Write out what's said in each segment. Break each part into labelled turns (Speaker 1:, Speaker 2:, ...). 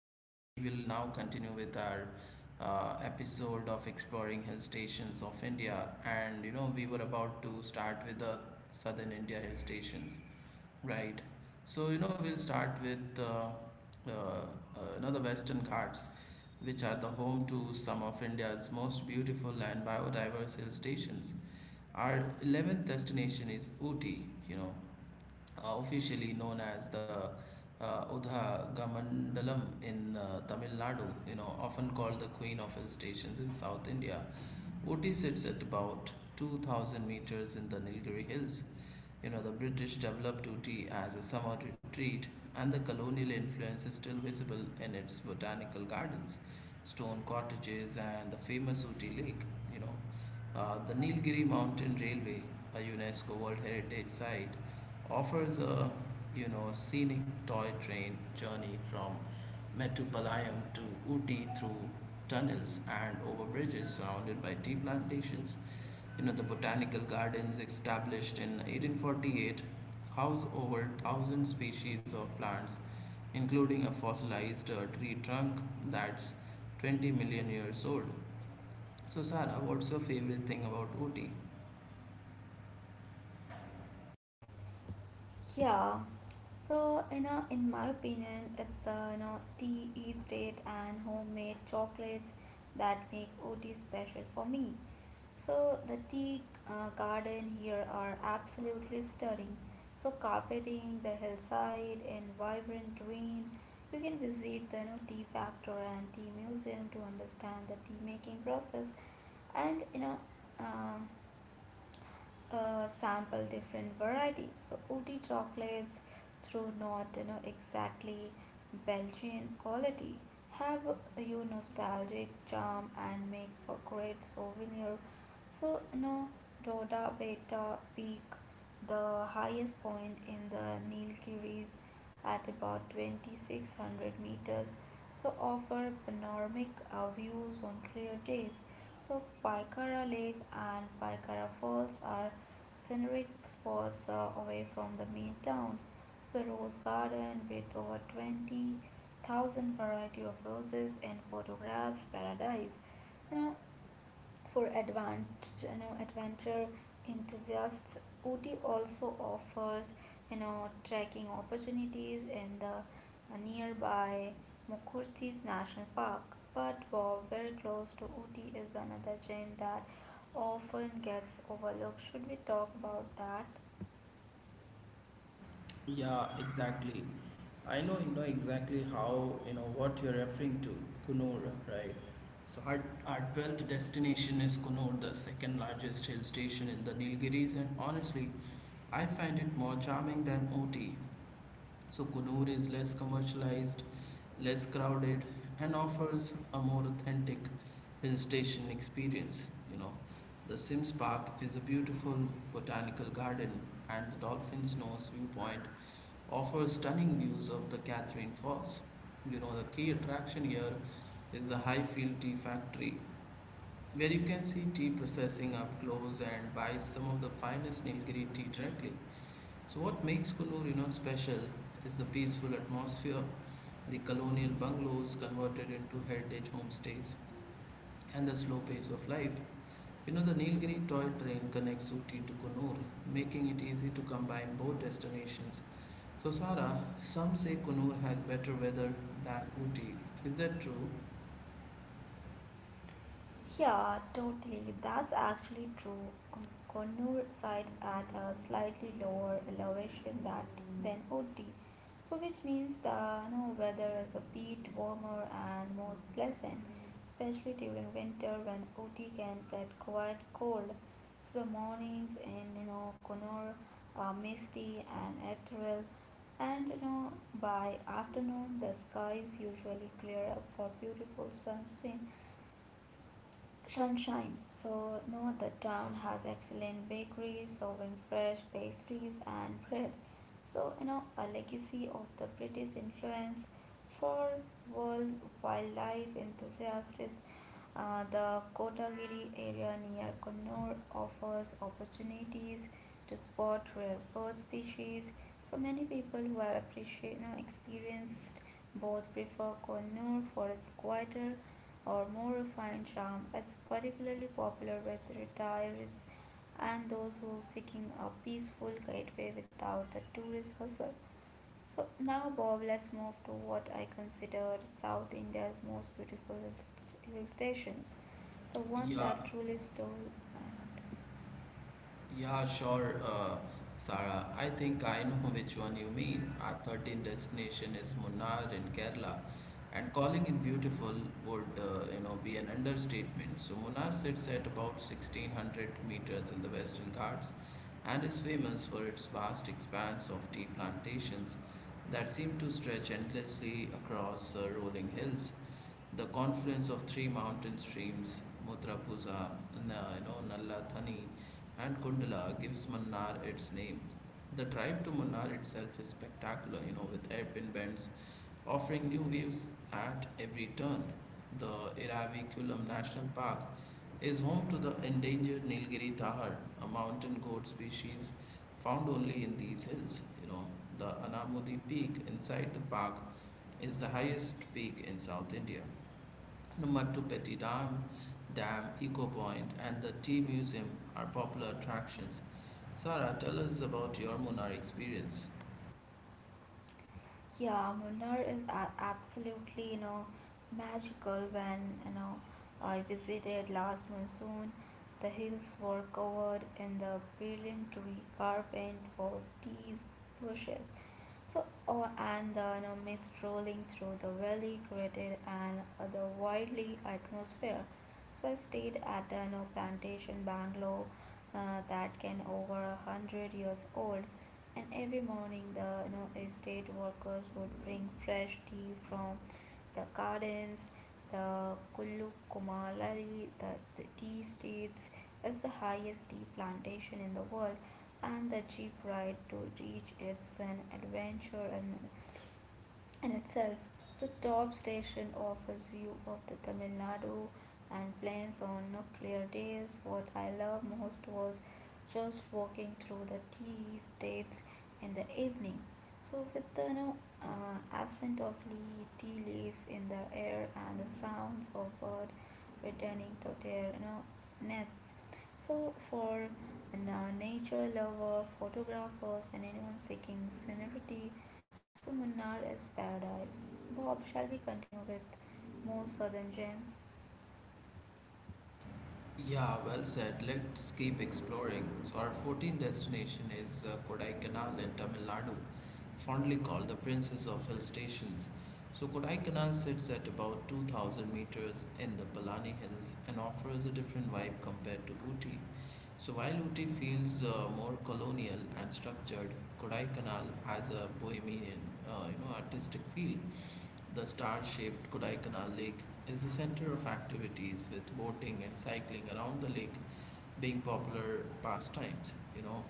Speaker 1: So, we will now continue with our episode of exploring hill stations of India. And, we were about to start with the southern India hill stations, right? So, we'll start with the Western Ghats, which are the home to some of India's most beautiful and biodiverse hill stations. Our 11th destination is Ooty, officially known as the Udha in Tamil Nadu, often called the Queen of Hill Stations in South India. Ooty sits at about 2,000 meters in the Nilgiri Hills. The British developed Ooty as a summer retreat, and the colonial influence is still visible in its botanical gardens, stone cottages, and the famous Ooty Lake. You know, the Nilgiri Mountain Railway, a UNESCO World Heritage Site, offers a scenic toy train journey from Metupalayam to Ooty through tunnels and over bridges surrounded by tea plantations. The botanical gardens established in 1848 house over thousand species of plants, including a fossilized tree trunk that's 20 million years old. So Sarah, what's your favorite thing about Ooty?
Speaker 2: Yeah. So, in my opinion, it's the tea, estate and homemade chocolates that make OT special for me. So, the tea garden here are absolutely stunning. So, carpeting the hillside in vibrant green. You can visit the tea factory and tea museum to understand the tea making process and um, sample different varieties. So Ooty chocolates, through not exactly Belgian quality, have you nostalgic charm and make for great souvenir. So Doda Beta Peak, the highest point in the Nilgiris at about 2600 meters, so offer panoramic views on clear days. So Paikara Lake and Paikara Falls are scenic spots away from the main town. It's the rose garden with over 20,000 variety of roses and photographs paradise. You know, for advanced, adventure enthusiasts, Ooty also offers, trekking opportunities in the nearby Mukurthi's National Park. But Bob, very close to Ooty is another gem that often gets overlooked. Should we talk about that?
Speaker 1: Yeah, exactly. I know exactly how what you're referring to, Kunur, right? So our 12th destination is Kunur, the second largest hill station in the Nilgiris, and honestly, I find it more charming than Ooty. So Kunur is less commercialized, less crowded, and offers a more authentic hill station experience. The Sims Park is a beautiful botanical garden, and the Dolphin's Nose viewpoint offers stunning views of the Catherine Falls. The key attraction here is the Highfield Tea Factory, where you can see tea processing up close and buy some of the finest Nilgiri tea directly. So, what makes Kunur, special is the peaceful atmosphere, the colonial bungalows converted into heritage homestays, and the slow pace of life. The Nilgiri toy train connects Uti to Kunur, making it easy to combine both destinations. So, Sara, some say Kunur has better weather than Ooty. Is that true?
Speaker 2: Yeah, totally. That's actually true. Connor side at a slightly lower elevation that than Ooty, so which means the weather is a bit warmer and more pleasant, especially during winter when Ooty can get quite cold. So the mornings in Connor are misty and ethereal, and by afternoon the sky is usually clear up for beautiful sunset sunshine. So, know the town has excellent bakeries serving fresh pastries and bread. So, a legacy of the British influence for world wildlife enthusiasts. The Kotagiri area near Connor offers opportunities to spot rare bird species. So many people who have appreciate, experienced both prefer Connor for its quieter or more refined charm is particularly popular with retirees and those who are seeking a peaceful gateway without the tourist hustle. So now Bob, let's move to what I consider South India's most beautiful hill stations, the one
Speaker 1: Yeah,
Speaker 2: that truly stole my heart.
Speaker 1: yeah, sure, Sara. I think I know which one you mean. Our 13th destination is Munnar in Kerala, and calling it beautiful would, be an understatement. So, Munnar sits at about 1,600 meters in the Western Ghats and is famous for its vast expanse of tea plantations that seem to stretch endlessly across rolling hills. The confluence of three mountain streams, Mutrapuza, Nalla Thani, and Kundala, gives Munnar its name. The drive to Munnar itself is spectacular, with hairpin bends offering new views at every turn. The Iravikulam National Park is home to the endangered Nilgiri tahar, a mountain goat species found only in these hills. The Anamudi Peak inside the park is the highest peak in South India. Numatupetti Dam, Dam Eco Point, and the Tea Museum are popular attractions. Sarah, tell us about your Munnar experience.
Speaker 2: Yeah, Munnar is absolutely, magical. When, I visited last monsoon, the hills were covered in the brilliant tree carpet for tea bushes, so, oh, and the mist rolling through the valley created an otherworldly atmosphere. So I stayed at the plantation bungalow that can over a hundred years old, and every morning the estate workers would bring fresh tea from the gardens, the Kullu Kumalari, the tea states is the highest tea plantation in the world and the jeep ride to reach its an adventure and in itself. So top station offers view of the Tamil Nadu and plains on no clear days. What I loved most was just walking through the tea estates in the evening. So with the accent of tea leaves in the air and the sounds of birds returning to their nests. So for a nature lover, photographers, and anyone seeking scenery, so Munnar is paradise. Bob, shall we continue with more southern gems?
Speaker 1: Yeah, well said. Let's keep exploring. So, our 14th destination is Kodaikanal in Tamil Nadu, fondly called the Princess of Hill Stations. So, Kodaikanal sits at about 2,000 meters in the Palani Hills and offers a different vibe compared to Ooty. So, while Ooty feels more colonial and structured, Kodaikanal has a bohemian, artistic feel. The star-shaped Kodai Canal Lake is the center of activities with boating and cycling around the lake being popular pastimes,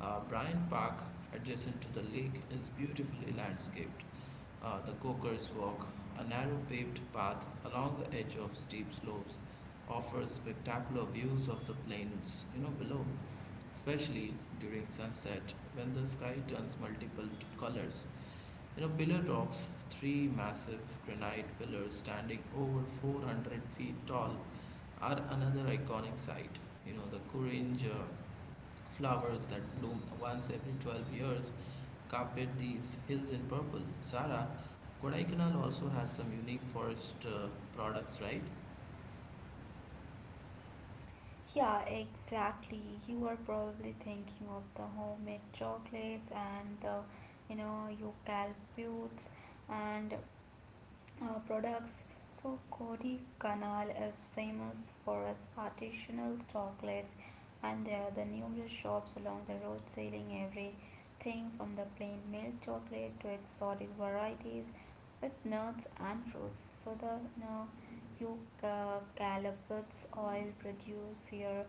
Speaker 1: Bryant Park adjacent to the lake is beautifully landscaped. The Coker's Walk, a narrow paved path along the edge of steep slopes, offers spectacular views of the plains, below, especially during sunset when the sky turns multiple colors. Pillar rocks, three massive granite pillars standing over 400 feet tall, are another iconic site. The Kurinj flowers that bloom once every 12 years carpet these hills in purple. Sara, Kodaikanal also has some unique forest products, right?
Speaker 2: Yeah, exactly. You are probably thinking of the homemade chocolates and the eucalyptus and products. So Kodi Canal is famous for its artisanal chocolates and there are the numerous shops along the road selling everything from the plain milk chocolate to exotic varieties with nuts and fruits. So the eucalyptus oil produced here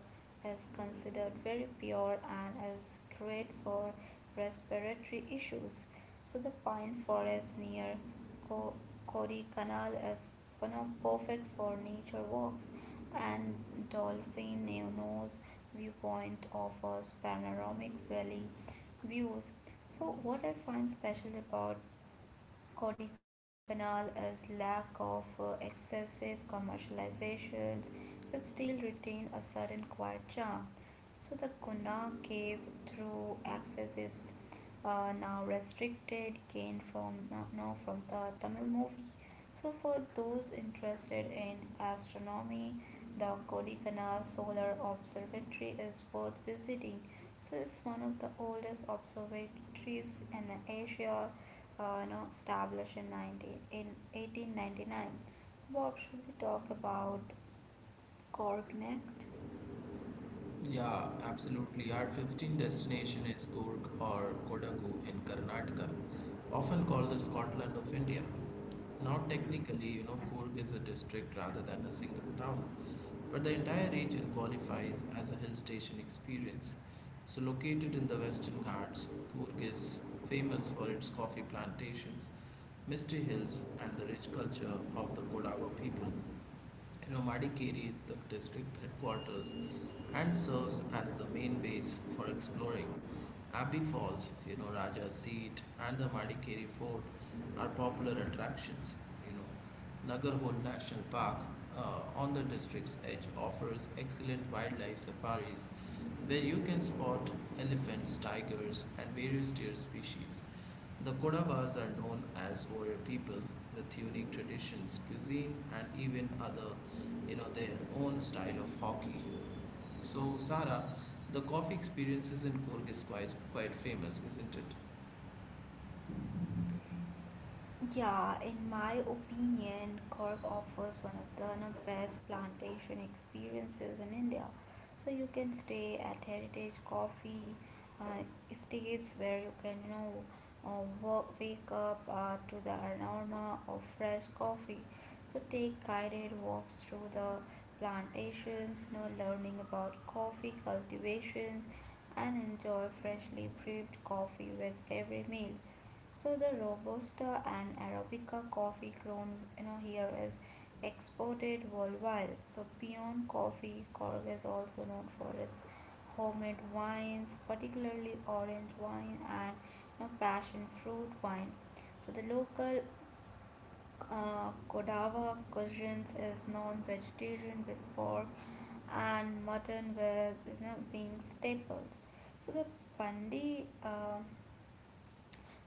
Speaker 2: is considered very pure and is great for respiratory issues. So the pine forest near Co- Canal is perfect for nature walks, and Dolphin Neono's viewpoint offers panoramic valley views. So, what I find special about Canal is lack of excessive commercializations, so it still retain a certain quiet charm. So the Guna cave through access is now restricted gain from now from the Tamil movie. So for those interested in astronomy, the Kodaikanal Solar Observatory is worth visiting. So it's one of the oldest observatories in Asia, established in 1899. So Bob, should we talk about Cork next?
Speaker 1: Yeah, absolutely. Our 15th destination is Coorg or Kodagu in Karnataka, often called the Scotland of India. Now, technically, Coorg is a district rather than a single town, but the entire region qualifies as a hill station experience. So, located in the Western Ghats, Coorg is famous for its coffee plantations, misty hills, and the rich culture of the Kodawa people. Romadikeri is the district headquarters and serves as the main base for exploring. Abbey Falls, Raja's seat, and the Madikeri Fort are popular attractions. You know, Nagarhole National Park on the district's edge offers excellent wildlife safaris where you can spot elephants, tigers, and various deer species. The Kodavas are known as warrior people with unique traditions, cuisine, and even other, their own style of hockey. So, Sara, the coffee experiences in Kurg is quite famous, isn't it?
Speaker 2: Yeah, in my opinion, Cork offers one of the best plantation experiences in India. So you can stay at Heritage Coffee uh, Estates where you can wake up to the aroma of fresh coffee. So take guided walks through the plantations, learning about coffee cultivations, and enjoy freshly brewed coffee with every meal. So the Robusta and Arabica coffee grown here is exported worldwide. So peon coffee, Cork is also known for its homemade wines, particularly orange wine and passion fruit wine. So the local Kodava cuisines is non-vegetarian with pork and mutton with being staples. So the Pandi.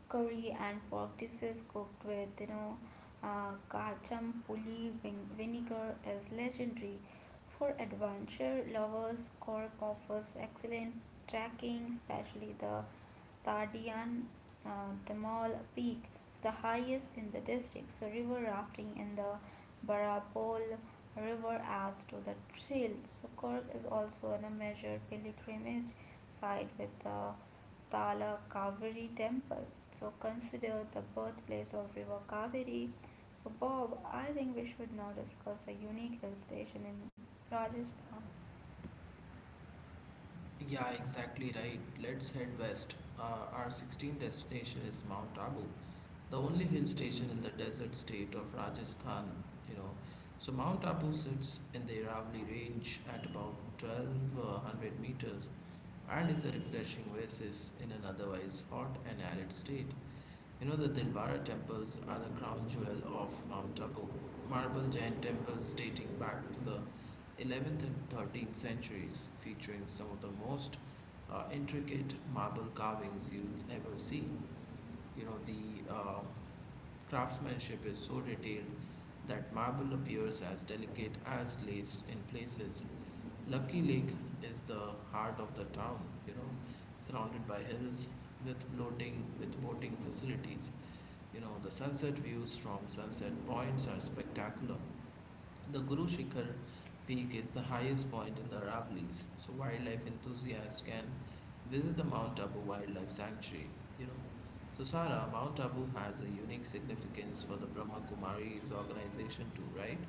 Speaker 2: Curry and pork dishes cooked with kacham puli vinegar is legendary. For adventure lovers, Cork offers excellent trekking, especially the Tardian uh, Tamal Peak. It's the highest in the district. So river rafting in the Barapol River adds to the thrill. So Cork is also on a major pilgrimage site with the Tala Kaveri temple. So consider the birthplace of River Kaveri. So Bob, I think we should now discuss a unique hill station in Rajasthan.
Speaker 1: Yeah, exactly right. Let's head west. Our 16th destination is Mount Abu, the only hill station in the desert state of Rajasthan, you know. So Mount Abu sits in the Aravalli Range at about 1,200 meters and is a refreshing oasis in an otherwise hot and arid state. The Dilwara temples are the crown jewel of Mount Abu, marble giant temples dating back to the 11th and 13th centuries, featuring some of the most intricate marble carvings you'll ever see. You know, the craftsmanship is so detailed that marble appears as delicate as lace in places. Lucky Lake is the heart of the town, you know, surrounded by hills with boating facilities. The sunset views from sunset points are spectacular. The Guru Shikhar peak is the highest point in the Aravallis, so wildlife enthusiasts can visit the Mount Abu Wildlife Sanctuary. You know, so Sara, Mount Abu has a unique significance for the Brahma Kumaris organization too, right?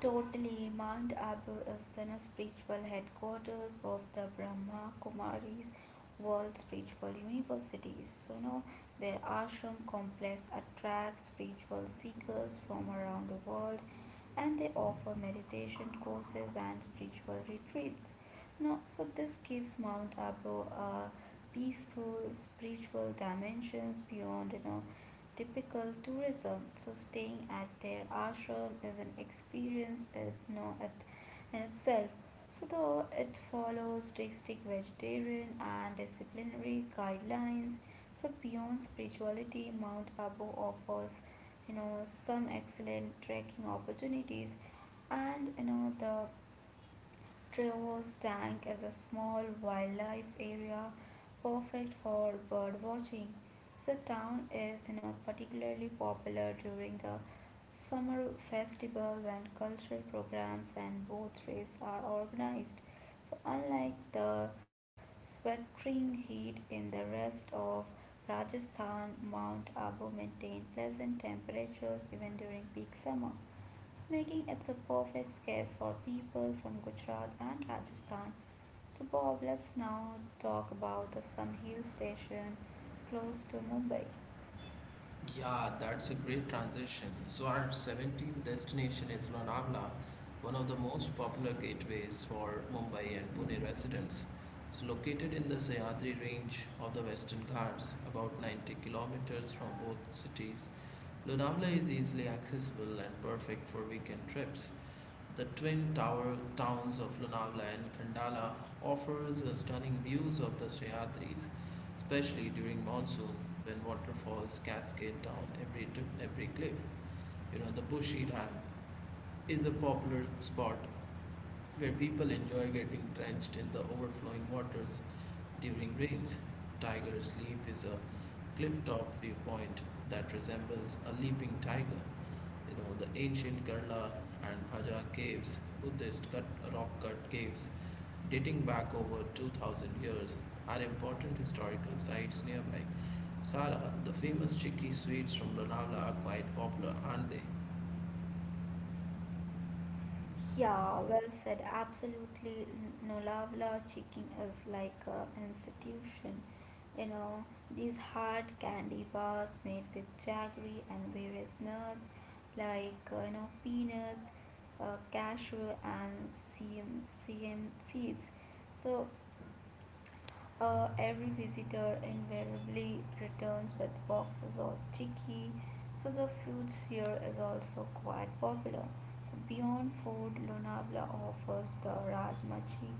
Speaker 2: Totally, Mount Abu is the spiritual headquarters of the Brahma Kumaris World Spiritual Universities. So now their ashram complex attracts spiritual seekers from around the world and they offer meditation courses and spiritual retreats. No, so this gives Mount Abu a peaceful spiritual dimensions beyond typical tourism. So staying at their ashram is an experience in, no, itself. So though it follows strict vegetarian and disciplinary guidelines, so beyond spirituality, Mount Abu offers, some excellent trekking opportunities, and the Trevor's Tank is a small wildlife area perfect for bird watching. The town is particularly popular during the summer festival when cultural programs and boat races are organized. So unlike the sweltering heat in the rest of Rajasthan, Mount Abu maintains pleasant temperatures even during peak summer making it the perfect gift for people from Gujarat and Rajasthan. So, Bob, let's now talk about the some hill station close to Mumbai.
Speaker 1: Yeah, that's a great transition. So, our 17th destination is Lonavala, one of the most popular gateways for Mumbai and Pune residents. It's located in the Sahyadri range of the Western Ghats, about 90 kilometers from both cities. Lonavala is easily accessible and perfect for weekend trips. The twin tower towns of Lonavala and Khandala offers stunning views of the Sahyadris, especially during monsoon when waterfalls cascade down every cliff. The Bushi Dam is a popular spot where people enjoy getting drenched in the overflowing waters during rains. Tiger's Leap is a cliff-top viewpoint that resembles a leaping tiger. The ancient Kerala and Bhaja caves, Buddhist cut, rock-cut caves, dating back over 2,000 years, are important historical sites nearby. Sara, the famous chicky sweets from Lonavala are quite popular, aren't they?
Speaker 2: Yeah, well said. Absolutely, Nolavala chicken is like an institution. You know, these hard candy bars made with jaggery and various nuts like peanuts, cashew, and CM, CM seeds. So every visitor invariably returns with boxes or chicky, so the food here is also quite popular. So Beyond food, Lonavala offers the Rajmachi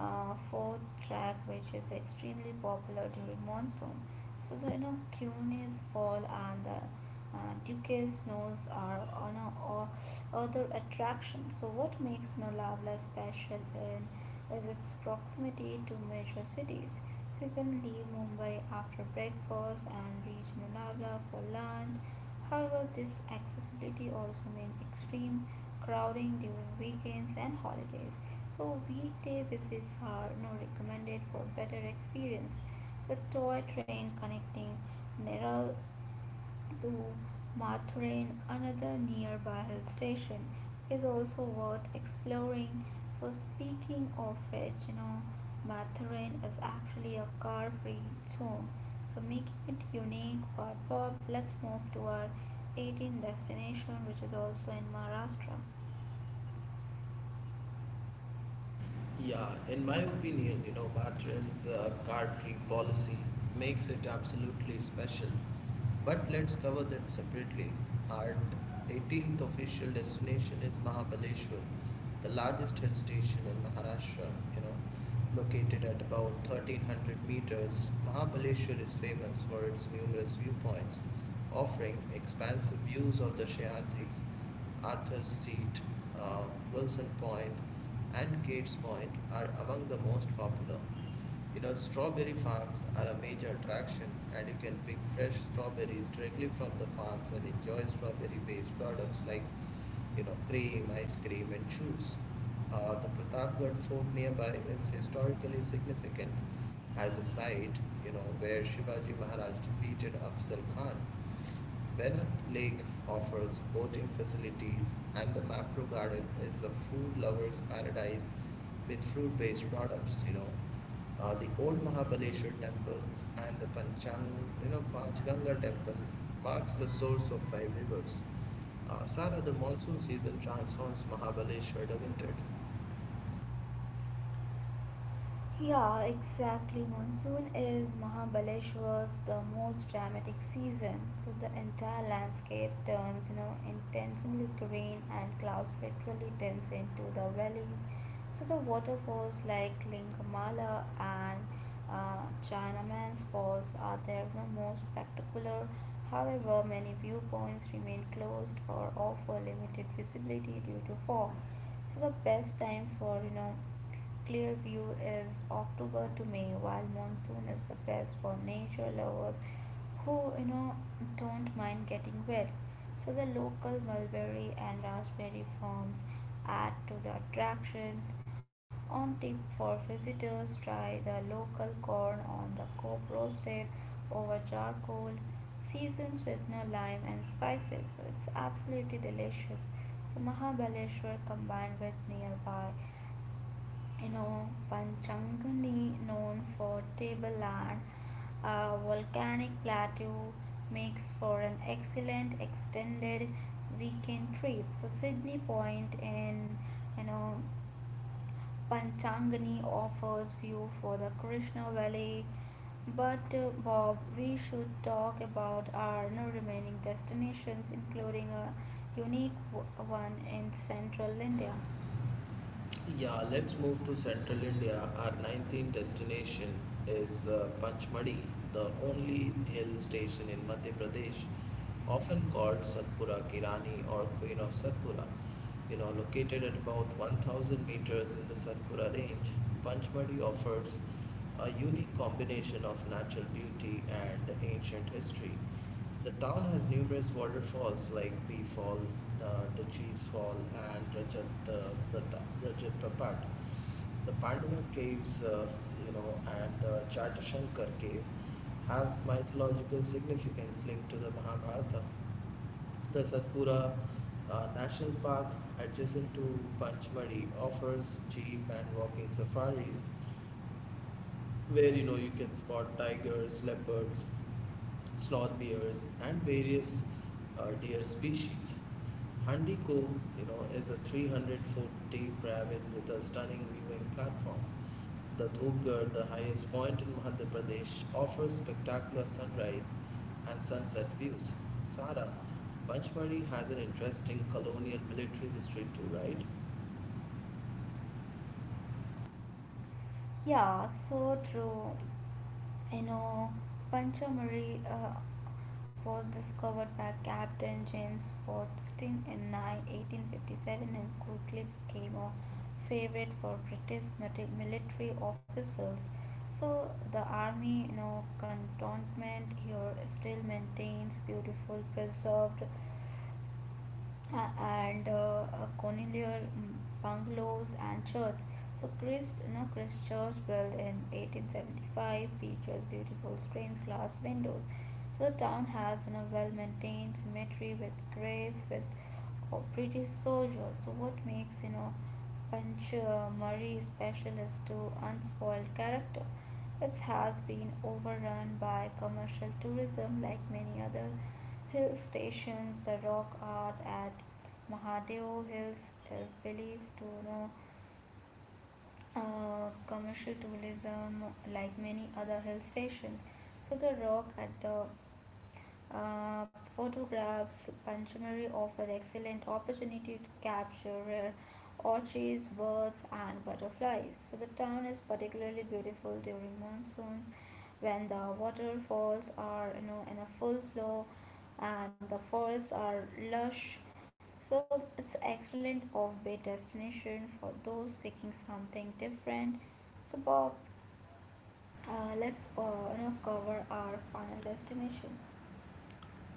Speaker 2: fourth track, which is extremely popular during monsoon. So the Cune's fall and the Duke's snows are on a, or other attractions. So what makes Lonavala special in is its proximity to major cities. So you can leave Mumbai after breakfast and reach Lonavala for lunch. However, this accessibility also means extreme crowding during weekends and holidays. So weekday visits are now recommended for better experience. The toy train connecting Neral to Mathurin, another nearby hill station, is also worth exploring. So, speaking of which, Mathurin is actually a car free zone, so making it unique. But, Bob, let's move to our 18th destination, which is also in Maharashtra.
Speaker 1: Yeah, in my opinion, Batran's card-free policy makes it absolutely special. But let's cover that separately. Our 18th official destination is Mahabaleshwar, the largest hill station in Maharashtra, you know, located at about 1,300 meters. Mahabaleshwar is famous for its numerous viewpoints, offering expansive views of the Shayadris. Arthur's Seat, uh, Wilson Point, and Gates Point are among the most popular. Strawberry farms are a major attraction, and you can pick fresh strawberries directly from the farms and enjoy strawberry based products like, cream, ice cream, and juice. The Pratapgarh fort nearby is historically significant as a site, where Shivaji Maharaj defeated Afzal Khan. Bennett Lake offers boating facilities, and the Mapro Garden is a food lover's paradise with fruit based products, the old Mahabaleshwar temple and the Panchganga temple marks the source of five rivers. Sara, the monsoon season transforms Mahabaleshwar, doesn't it?
Speaker 2: Yeah, exactly. Monsoon is Mahabaleshwar's the most dramatic season, so the entire landscape turns, intentionally green and clouds literally dense into the valleys. So the waterfalls like Lingamala and uh, Chinaman's Falls are their most spectacular. However, many viewpoints remain closed or offer limited visibility due to fog, so the best time for clear view is October to May, while monsoon is the best for nature lovers who don't mind getting wet, so the local mulberry and raspberry farms add to the attractions. On tip for visitors, try the local corn on the cob roasted over charcoal, seasons with no lime and spices. So it's absolutely delicious. So Mahabaleshwar combined with nearby Panchangani, known for tableland, a volcanic plateau, makes for an excellent extended weekend trip. So Sydney Point in you know Panchangani offers view for the Krishna Valley. But Bob, we should talk about our remaining destinations, including a unique one in central India.
Speaker 1: Yeah, let's move to central India. Our 19th destination is Panchmadi, the only hill station in Madhya Pradesh, often called Satpura Kirani or Queen of Satpura. Located at about 1,000 meters in the Satpura range, Panchmadi offers a unique combination of natural beauty and ancient history. The town has numerous waterfalls like B Fall, Dutchess Fall, and Rajat Prapat. The Pandava Caves, and the Chatashankar Cave have mythological significance linked to the Mahabharata. The Satpura National Park, adjacent to Panchmadi, offers jeep and walking safaris where you can spot tigers, leopards, sloth bears, and various deer species. Handi Cove, is a 300-foot deep ravine with a stunning viewing platform. The Dhupgarh, the highest point in Madhya Pradesh, offers spectacular sunrise and sunset views. Sara, Panchmari has an interesting colonial military history too, right?
Speaker 2: Yeah, so true. I know Panchamari was discovered by Captain James Fordstin in 1857 and quickly became a favorite for British military officials. So the army, cantonment here still maintains beautiful preserved and colonial bungalows and church. So Christ Church built in 1875 features beautiful stained glass windows. So the town has a well-maintained cemetery with graves with of British soldiers. So what makes Panch Murray special is to unspoiled character. It has been overrun by commercial tourism like many other hill stations. The rock art at Mahadeo Hills is believed to know commercial tourism, like many other hill stations, so the rock at the photographs, Panchamari offered excellent opportunity to capture rare orchids, birds, and butterflies. So the town is particularly beautiful during monsoons, when the waterfalls are in a full flow, and the forests are lush so it's excellent off-beat destination for those seeking something different. So Bob, let's cover our final destination.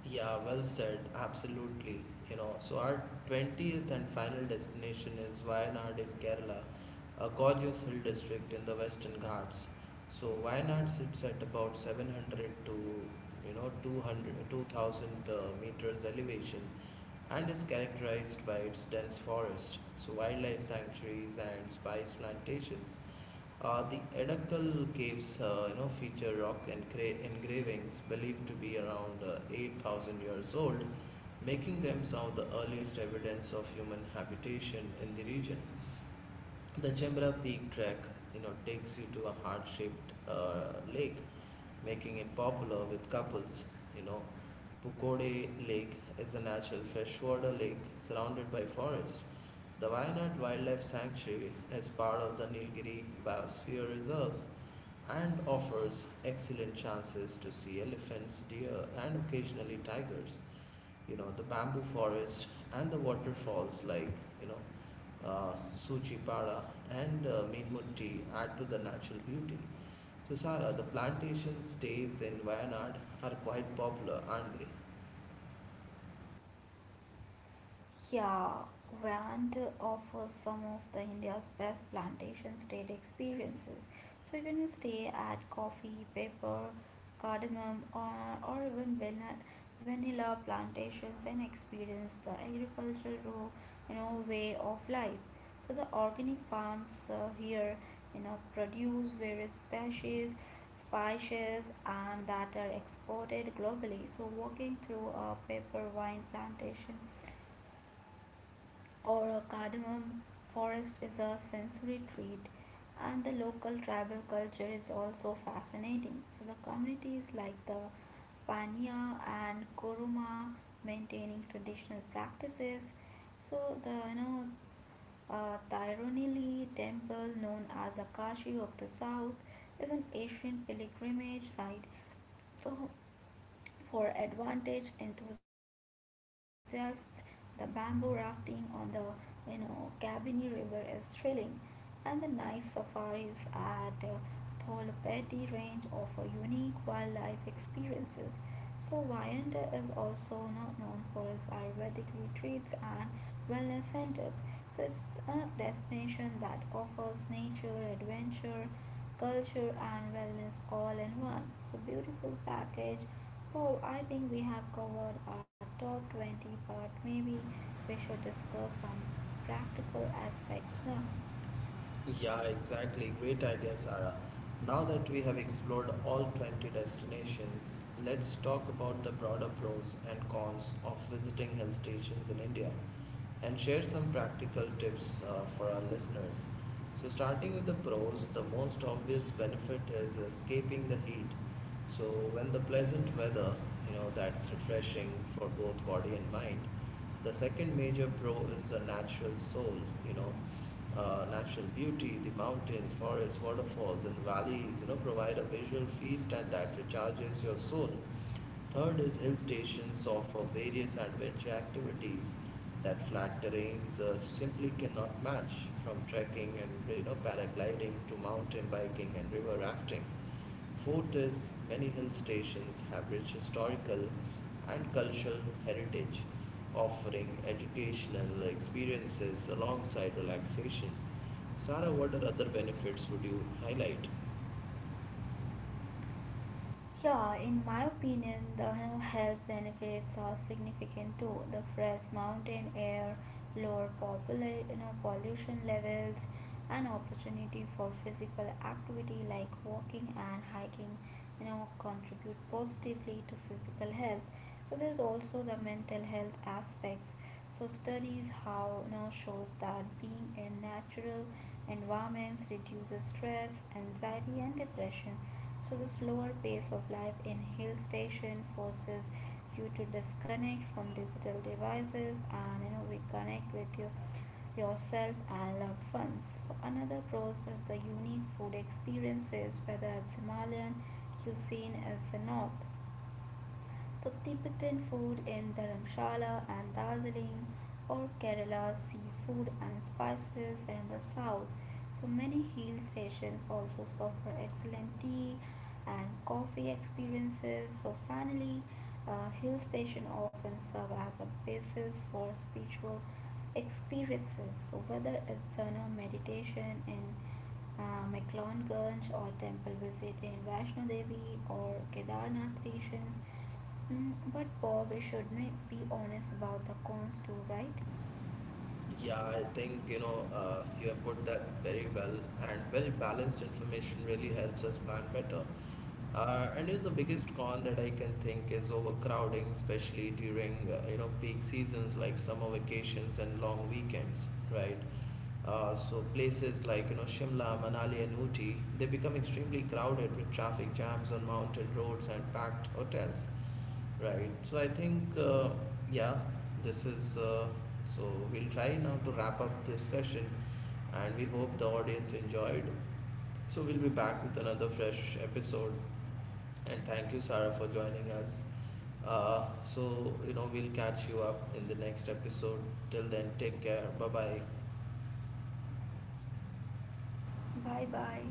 Speaker 1: Yeah, well said. Absolutely. So our 20th and final destination is Wayanad in Kerala, a gorgeous hill district in the Western Ghats. So Wayanad sits at about 700 to, 200 2000 meters elevation and is characterized by its dense forest, so wildlife sanctuaries and spice plantations. The Edakal caves, feature rock engravings believed to be around 8,000 years old, making them some of the earliest evidence of human habitation in the region. The Chembra Peak Trek, takes you to a heart-shaped lake, making it popular with couples. You know, Pukode Lake is a natural freshwater lake surrounded by forest. The Wayanad Wildlife Sanctuary is part of the Nilgiri Biosphere Reserves and offers excellent chances to see elephants, deer, and occasionally tigers. The bamboo forest and the waterfalls like you know Suchipara and Meedmutti add to the natural beauty. So Sara, the plantation stays in Wayanad are quite popular, aren't they?
Speaker 2: Yeah, Vand offers some of the India's best plantation stayed experiences. So you can stay at coffee, pepper, cardamom, or even vanilla plantations and experience the agricultural, way of life. So the organic farms here, produce various species, spices, and that are exported globally. So walking through a pepper vine plantation or a cardamom forest is a sensory treat and the local tribal culture is also fascinating. So the communities like the Pania and Kuruma maintaining traditional practices. So the Thironili temple known as the Kashi of the south is an ancient pilgrimage site. So for advantage enthusiasts, the bamboo rafting on the Cabini River is thrilling, and the night safaris at Tholopeti range offer unique wildlife experiences. So Wayanda is also not known for its Ayurvedic retreats and wellness centers. So it's a destination that offers nature, adventure, culture, and wellness all in one. So beautiful package. Oh, I think we have covered our top 20, but maybe we should discuss some practical aspects now.
Speaker 1: Yeah, exactly. Great idea, Sara. Now that we have explored all 20 destinations, let's talk about the broader pros and cons of visiting hill stations in India and share some practical tips for our listeners. So, starting with the pros, the most obvious benefit is escaping the heat. So, when the pleasant weather, that's refreshing for both body and mind. The second major pro is the natural soul, you know, natural beauty, the mountains, forests, waterfalls, and valleys, provide a visual feast and that recharges your soul. Third is hill stations offer various adventure activities that flat terrains simply cannot match, from trekking and paragliding to mountain biking and river rafting. Fourth is many hill stations have rich historical and cultural heritage, offering educational experiences alongside relaxations. Sarah, what are other benefits would you highlight?
Speaker 2: Yeah, in my opinion, the health benefits are significant too. The fresh mountain air, lower pollution levels, and opportunity for physical activity like walking and hiking, contribute positively to physical health. So there's also the mental health aspects. So studies how shows that being in natural environments reduces stress, anxiety, and depression. So the slower pace of life in hill station forces you to disconnect from digital devices and reconnect with yourself and loved ones. So another pros is the unique food experiences whether it's Himalayan cuisine is the north. So Tibetan food in Dharamshala and Darjeeling or Kerala seafood and spices in the south. So many hill stations also offer excellent tea and coffee experiences. So finally, hill station often serve as a basis for spiritual experiences. So whether it's meditation in McLeonganj or temple visit in Vaishno Devi or Kedarnath stations. But Bob, we should be honest about the cons too, right?
Speaker 1: Yeah, I think you have put that very well, and well balanced information really helps us plan better. And the biggest con that I can think is overcrowding, especially during peak seasons like summer vacations and long weekends, right? So places like Shimla, Manali, and Ooty, they become extremely crowded with traffic jams on mountain roads and packed hotels. Right. So I think, yeah, this is. So we'll try now to wrap up this session, and we hope the audience enjoyed. So we'll be back with another fresh episode, and thank you, Sarah, for joining us. So we'll catch you up in the next episode. Till then, take care. Bye bye.
Speaker 2: Bye bye.